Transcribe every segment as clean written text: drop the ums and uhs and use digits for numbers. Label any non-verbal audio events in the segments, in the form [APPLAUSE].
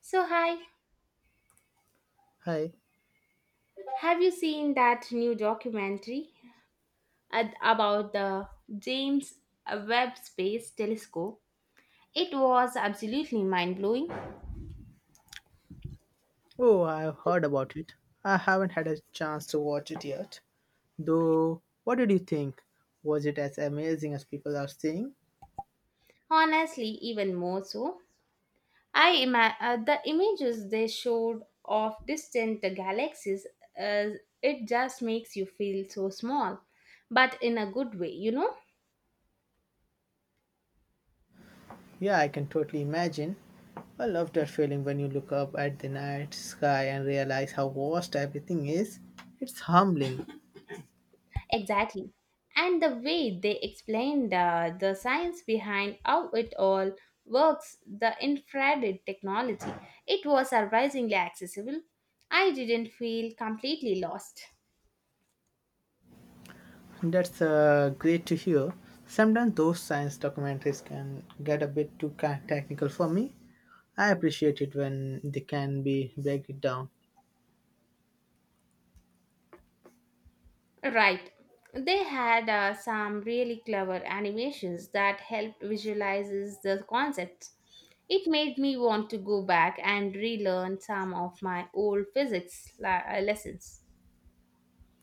So, hi, Hi. have you seen that new documentary about the James Webb Space Telescope? It was absolutely mind blowing. Oh, I've heard about it. I haven't had a chance to watch it yet. Though, what did you think? Was it as amazing as people are saying? Honestly, even more so. The images they showed of distant galaxies, uh, it just makes you feel so small, but in a good way, you know. Yeah, I can totally imagine. I love that feeling when you look up at the night sky and realize how vast everything is. It's humbling. Exactly. And the way they explained the science behind how it all works, the infrared technology, it was surprisingly accessible. I didn't feel completely lost. [LAUGHS] That's great to hear. Sometimes those science documentaries can get a bit too technical for me. I appreciate it when they can be break it down. Right. They had some really clever animations that helped visualizes the concepts. It made me want to go back and relearn some of my old physics lessons.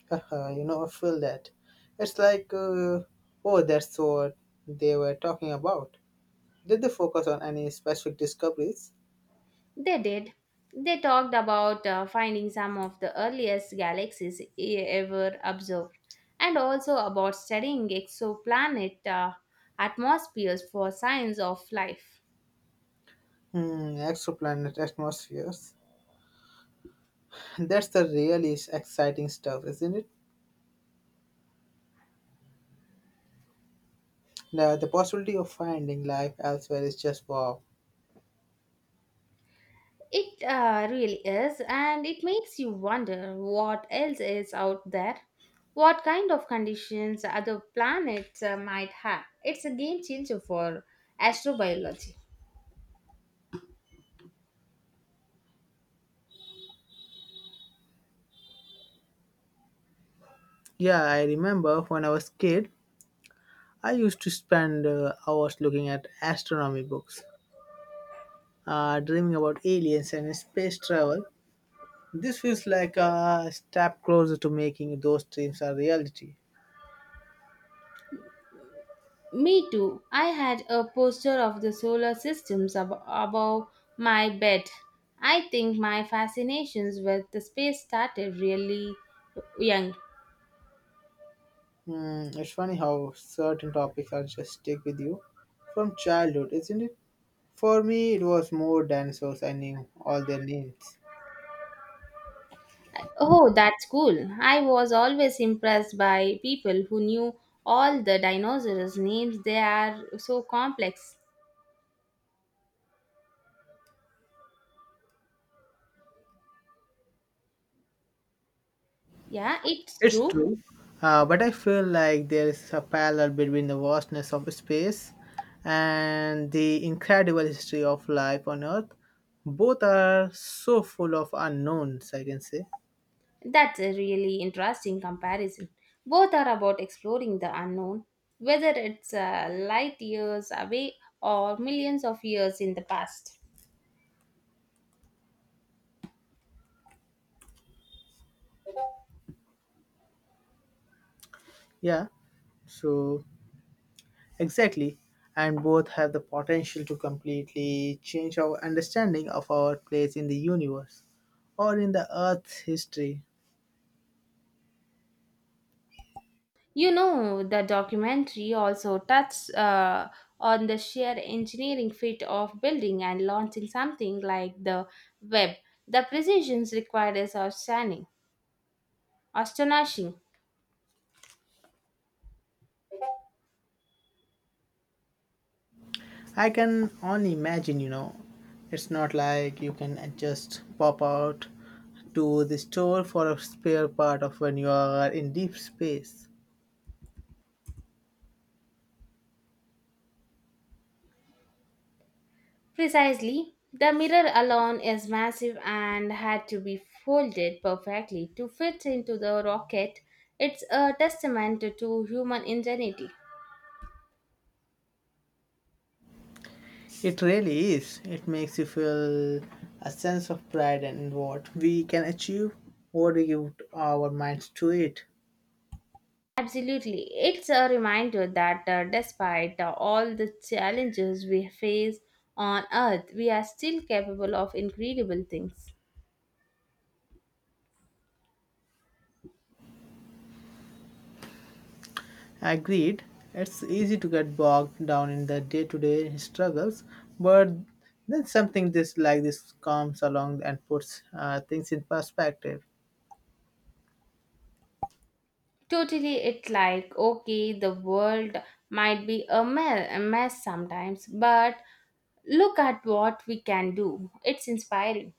Haha, you know, I feel that. It's like, oh, that's what they were talking about. Did they focus on any specific discoveries? They did. They talked about finding some of the earliest galaxies ever observed, and also about studying exoplanet atmospheres for signs of life. Hmm, exoplanet atmospheres. [LAUGHS] That's the really exciting stuff, isn't it? The possibility of finding life elsewhere is just wow. It really is, and it makes you wonder what else is out there, what kind of conditions other planets might have. It's a game changer for astrobiology. Yeah, I remember when I was kid, I used to spend hours looking at astronomy books, dreaming about aliens and space travel. This feels like a step closer to making those dreams a reality. Me too. I had a poster of the solar systems above my bed. I think my fascinations with the space started really young. Hmm, it's funny how certain topics are just stick with you from childhood, isn't it? For me, it was more dinosaurs. I knew all their names. Oh, that's cool. I was always impressed by people who knew all the dinosaurs' names. They are so complex. Yeah, it's It's true. true, but I feel like there is a parallel between the vastness of space and the incredible history of life on Earth. Both are so full of unknowns, I can say. That's a really interesting comparison. Both are about exploring the unknown, whether it's light years away or millions of years in the past. Yeah, so exactly, and both have the potential to completely change our understanding of our place in the universe or in the earth's history. You know, the documentary also touched on the sheer engineering feat of building and launching something like the web. The precisions required is outstanding, astonishing. I can only imagine, you know, it's not like you can just pop out to the store for a spare part of when you are in deep space. Precisely. The mirror alone is massive and had to be folded perfectly to fit into the rocket. It's a testament to human ingenuity. It really is. It makes you feel a sense of pride in what we can achieve, what we give our minds to it. Absolutely. It's a reminder that despite all the challenges we face on Earth, we are still capable of incredible things. Agreed, it's easy to get bogged down in the day to day struggles, but then something this like this comes along and puts things in perspective. Totally, it's like, okay, the world might be a mess sometimes, but look at what we can do. It's inspiring.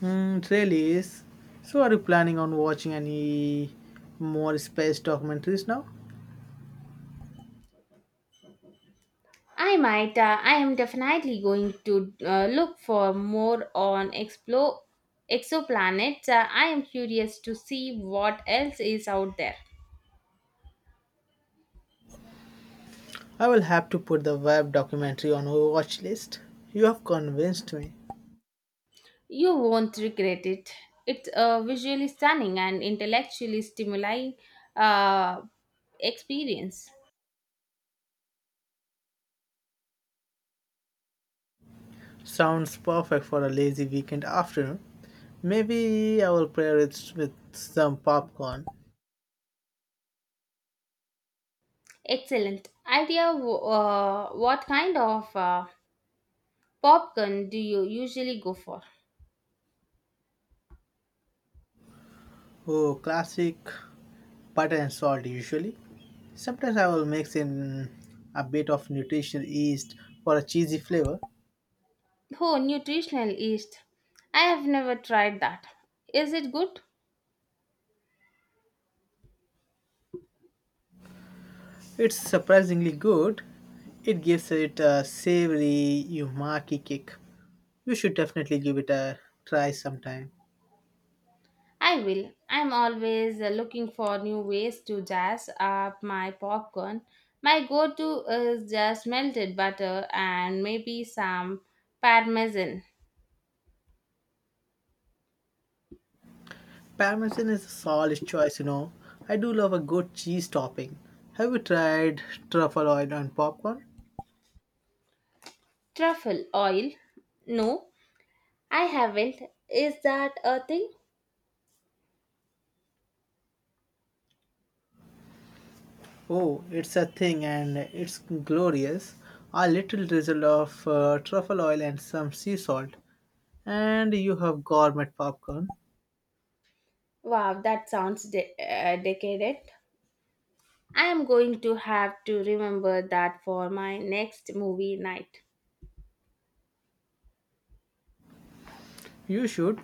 Hmm, it really is. So, are you planning on watching any more space documentaries now? I might. I am definitely going to look for more on explore exoplanets. I am curious to see what else is out there. I will have to put the web documentary on our watch list. You have convinced me. You won't regret it. It's a visually stunning and intellectually stimulating uh, experience. Sounds perfect for a lazy weekend afternoon. Maybe I will pair it with some popcorn. Excellent idea. What kind of popcorn do you usually go for? Oh, classic butter and salt usually. Sometimes I will mix in a bit of nutritional yeast for a cheesy flavor. Oh, nutritional yeast. I have never tried that. Is it good? It's surprisingly good. It gives it a savory umaki kick. You should definitely give it a try sometime. I will. I'm always looking for new ways to jazz up my popcorn. My go to is just melted butter and maybe some parmesan. Parmesan is a solid choice, you know. I do love a good cheese topping. Have you tried truffle oil on popcorn? Truffle oil? No, I haven't. Is that a thing? Oh, it's a thing and it's glorious. A little drizzle of truffle oil and some sea salt, and you have gourmet popcorn. Wow, that sounds decadent. I am going to have to remember that for my next movie night. You should.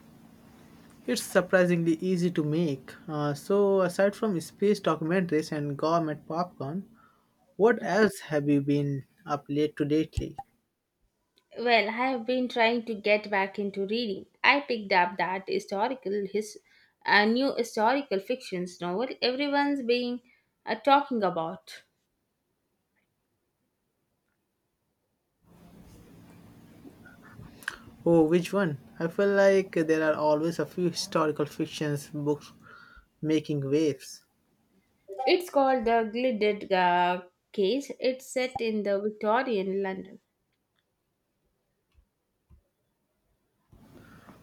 It's surprisingly easy to make. So, aside from space documentaries and gourmet popcorn, what else have you been up late to lately? Well, I have been trying to get back into reading. I picked up that historical his new historical fictions novel everyone's been talking about. Oh, which one? I feel like there are always a few historical fictions books making waves. It's called The Gilded Case. It's set in the Victorian London.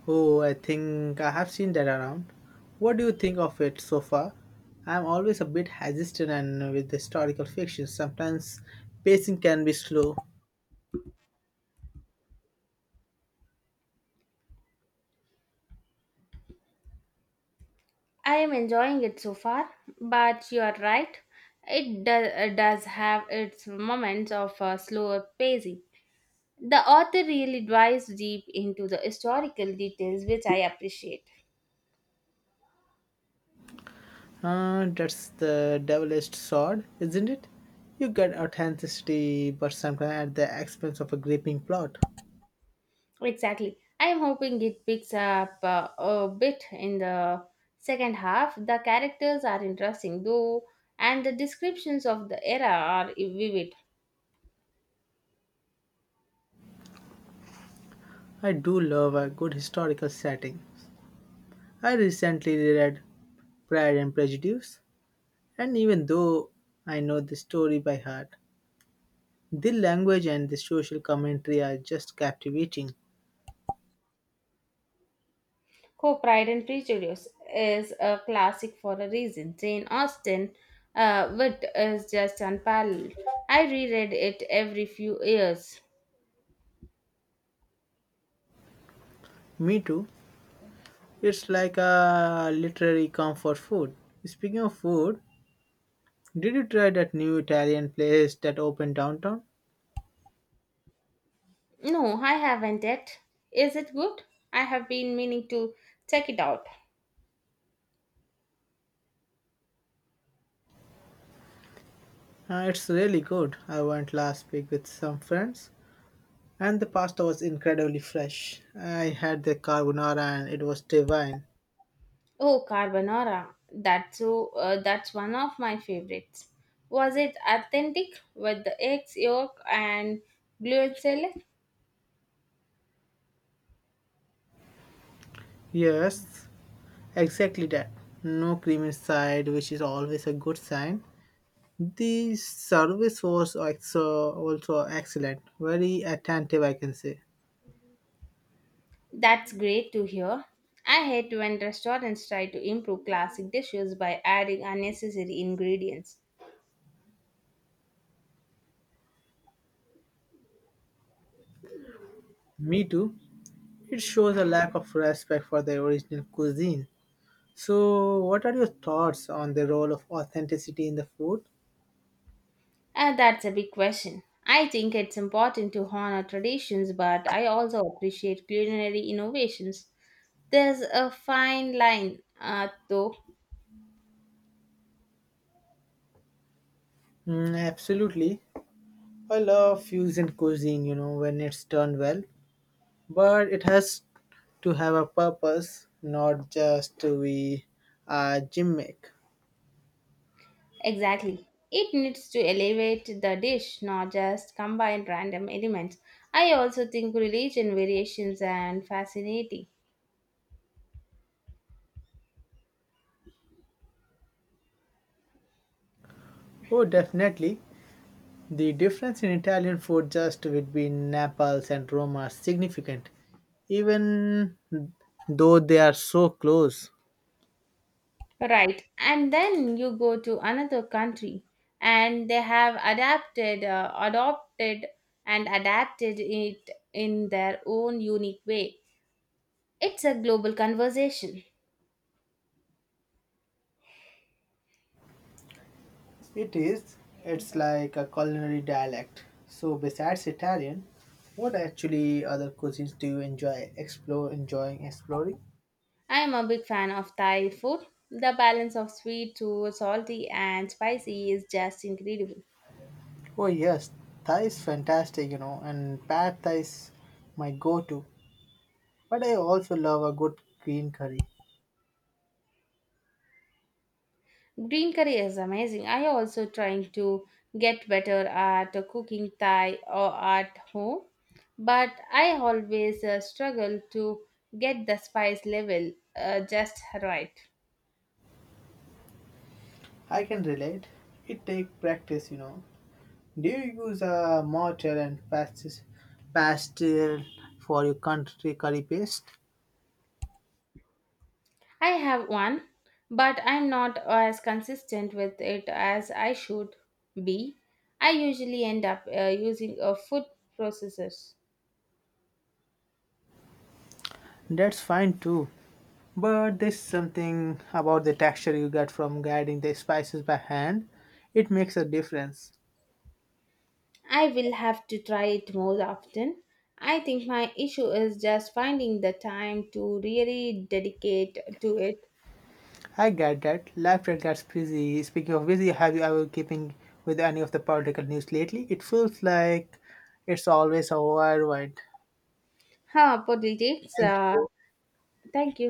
Oh, I think I have seen that around. What do you think of it so far? I'm always a bit hesitant and with historical fiction. Sometimes pacing can be slow. I am enjoying it so far, but you are right. It does have its moments of slower pacing. The author really dives deep into the historical details, which I appreciate. That's the devilist sword, isn't it? You get authenticity, but sometimes at the expense of a gripping plot. Exactly. I'm hoping it picks up a bit in the second half. The characters are interesting, though, and the descriptions of the era are vivid. I do love a good historical setting. I recently reread Pride and Prejudice, and even though I know the story by heart, the language and the social commentary are just captivating. Co Pride and Prejudice is a classic for a reason. Jane Austen, wit is just unparalleled. I reread it every few years. Me too. It's like a literary comfort food. Speaking of food, did you try that new Italian place that opened downtown? No, I haven't yet. Is it good? I have been meaning to check it out. It's really good. I went last week with some friends, and the pasta was incredibly fresh. I had the carbonara and it was divine. Oh, carbonara. That's so. That's one of my favorites. Was it authentic with the eggs, yolk, and gluteneless? Yes, exactly that. No cream inside, which is always a good sign. The service was also excellent, very attentive, I can say. That's great to hear. I hate when restaurants try to improve classic dishes by adding unnecessary ingredients. Me too. It shows a lack of respect for the original cuisine. So, what are your thoughts on the role of authenticity in the food? That's a big question. I think it's important to honor traditions, but I also appreciate culinary innovations. There's a fine line, though. Mm, absolutely. I love fusion cuisine, you know, when it's done well, but it has to have a purpose, not just to be a gimmick. Exactly. It needs to elevate the dish, not just combine random elements. I also think religion variations and fascinating. Oh, definitely. The difference in Italian food just between Naples and Rome are significant, even though they are so close. Right. And then you go to another country and they have adopted, and adapted it in their own unique way. It's a global conversation. It is. It's like a culinary dialect. So besides Italian, what actually other cuisines do you enjoying exploring? I am a big fan of Thai food. The balance of sweet to salty and spicy is just incredible. Oh yes, Thai is fantastic, you know, and pad Thai is my go-to. But I also love a good green curry. Green curry is amazing. I also trying to get better at cooking Thai or at home, but I always struggle to get the spice level just right. I can relate. It takes practice, you know. Do you use a pastel for your country curry paste? I have one, but I'm not as consistent with it as I should be. I usually end up using a food processor. That's fine too, but there's something about the texture you get from guiding the spices by hand. It makes a difference. I will have to try it more often. I think my issue is just finding the time to really dedicate to it. I get that. Life that gets busy. Speaking of busy, have you ever keeping with any of the political news lately? It feels like it's always a worldwide. Ha, politics. Thank you. Thank you.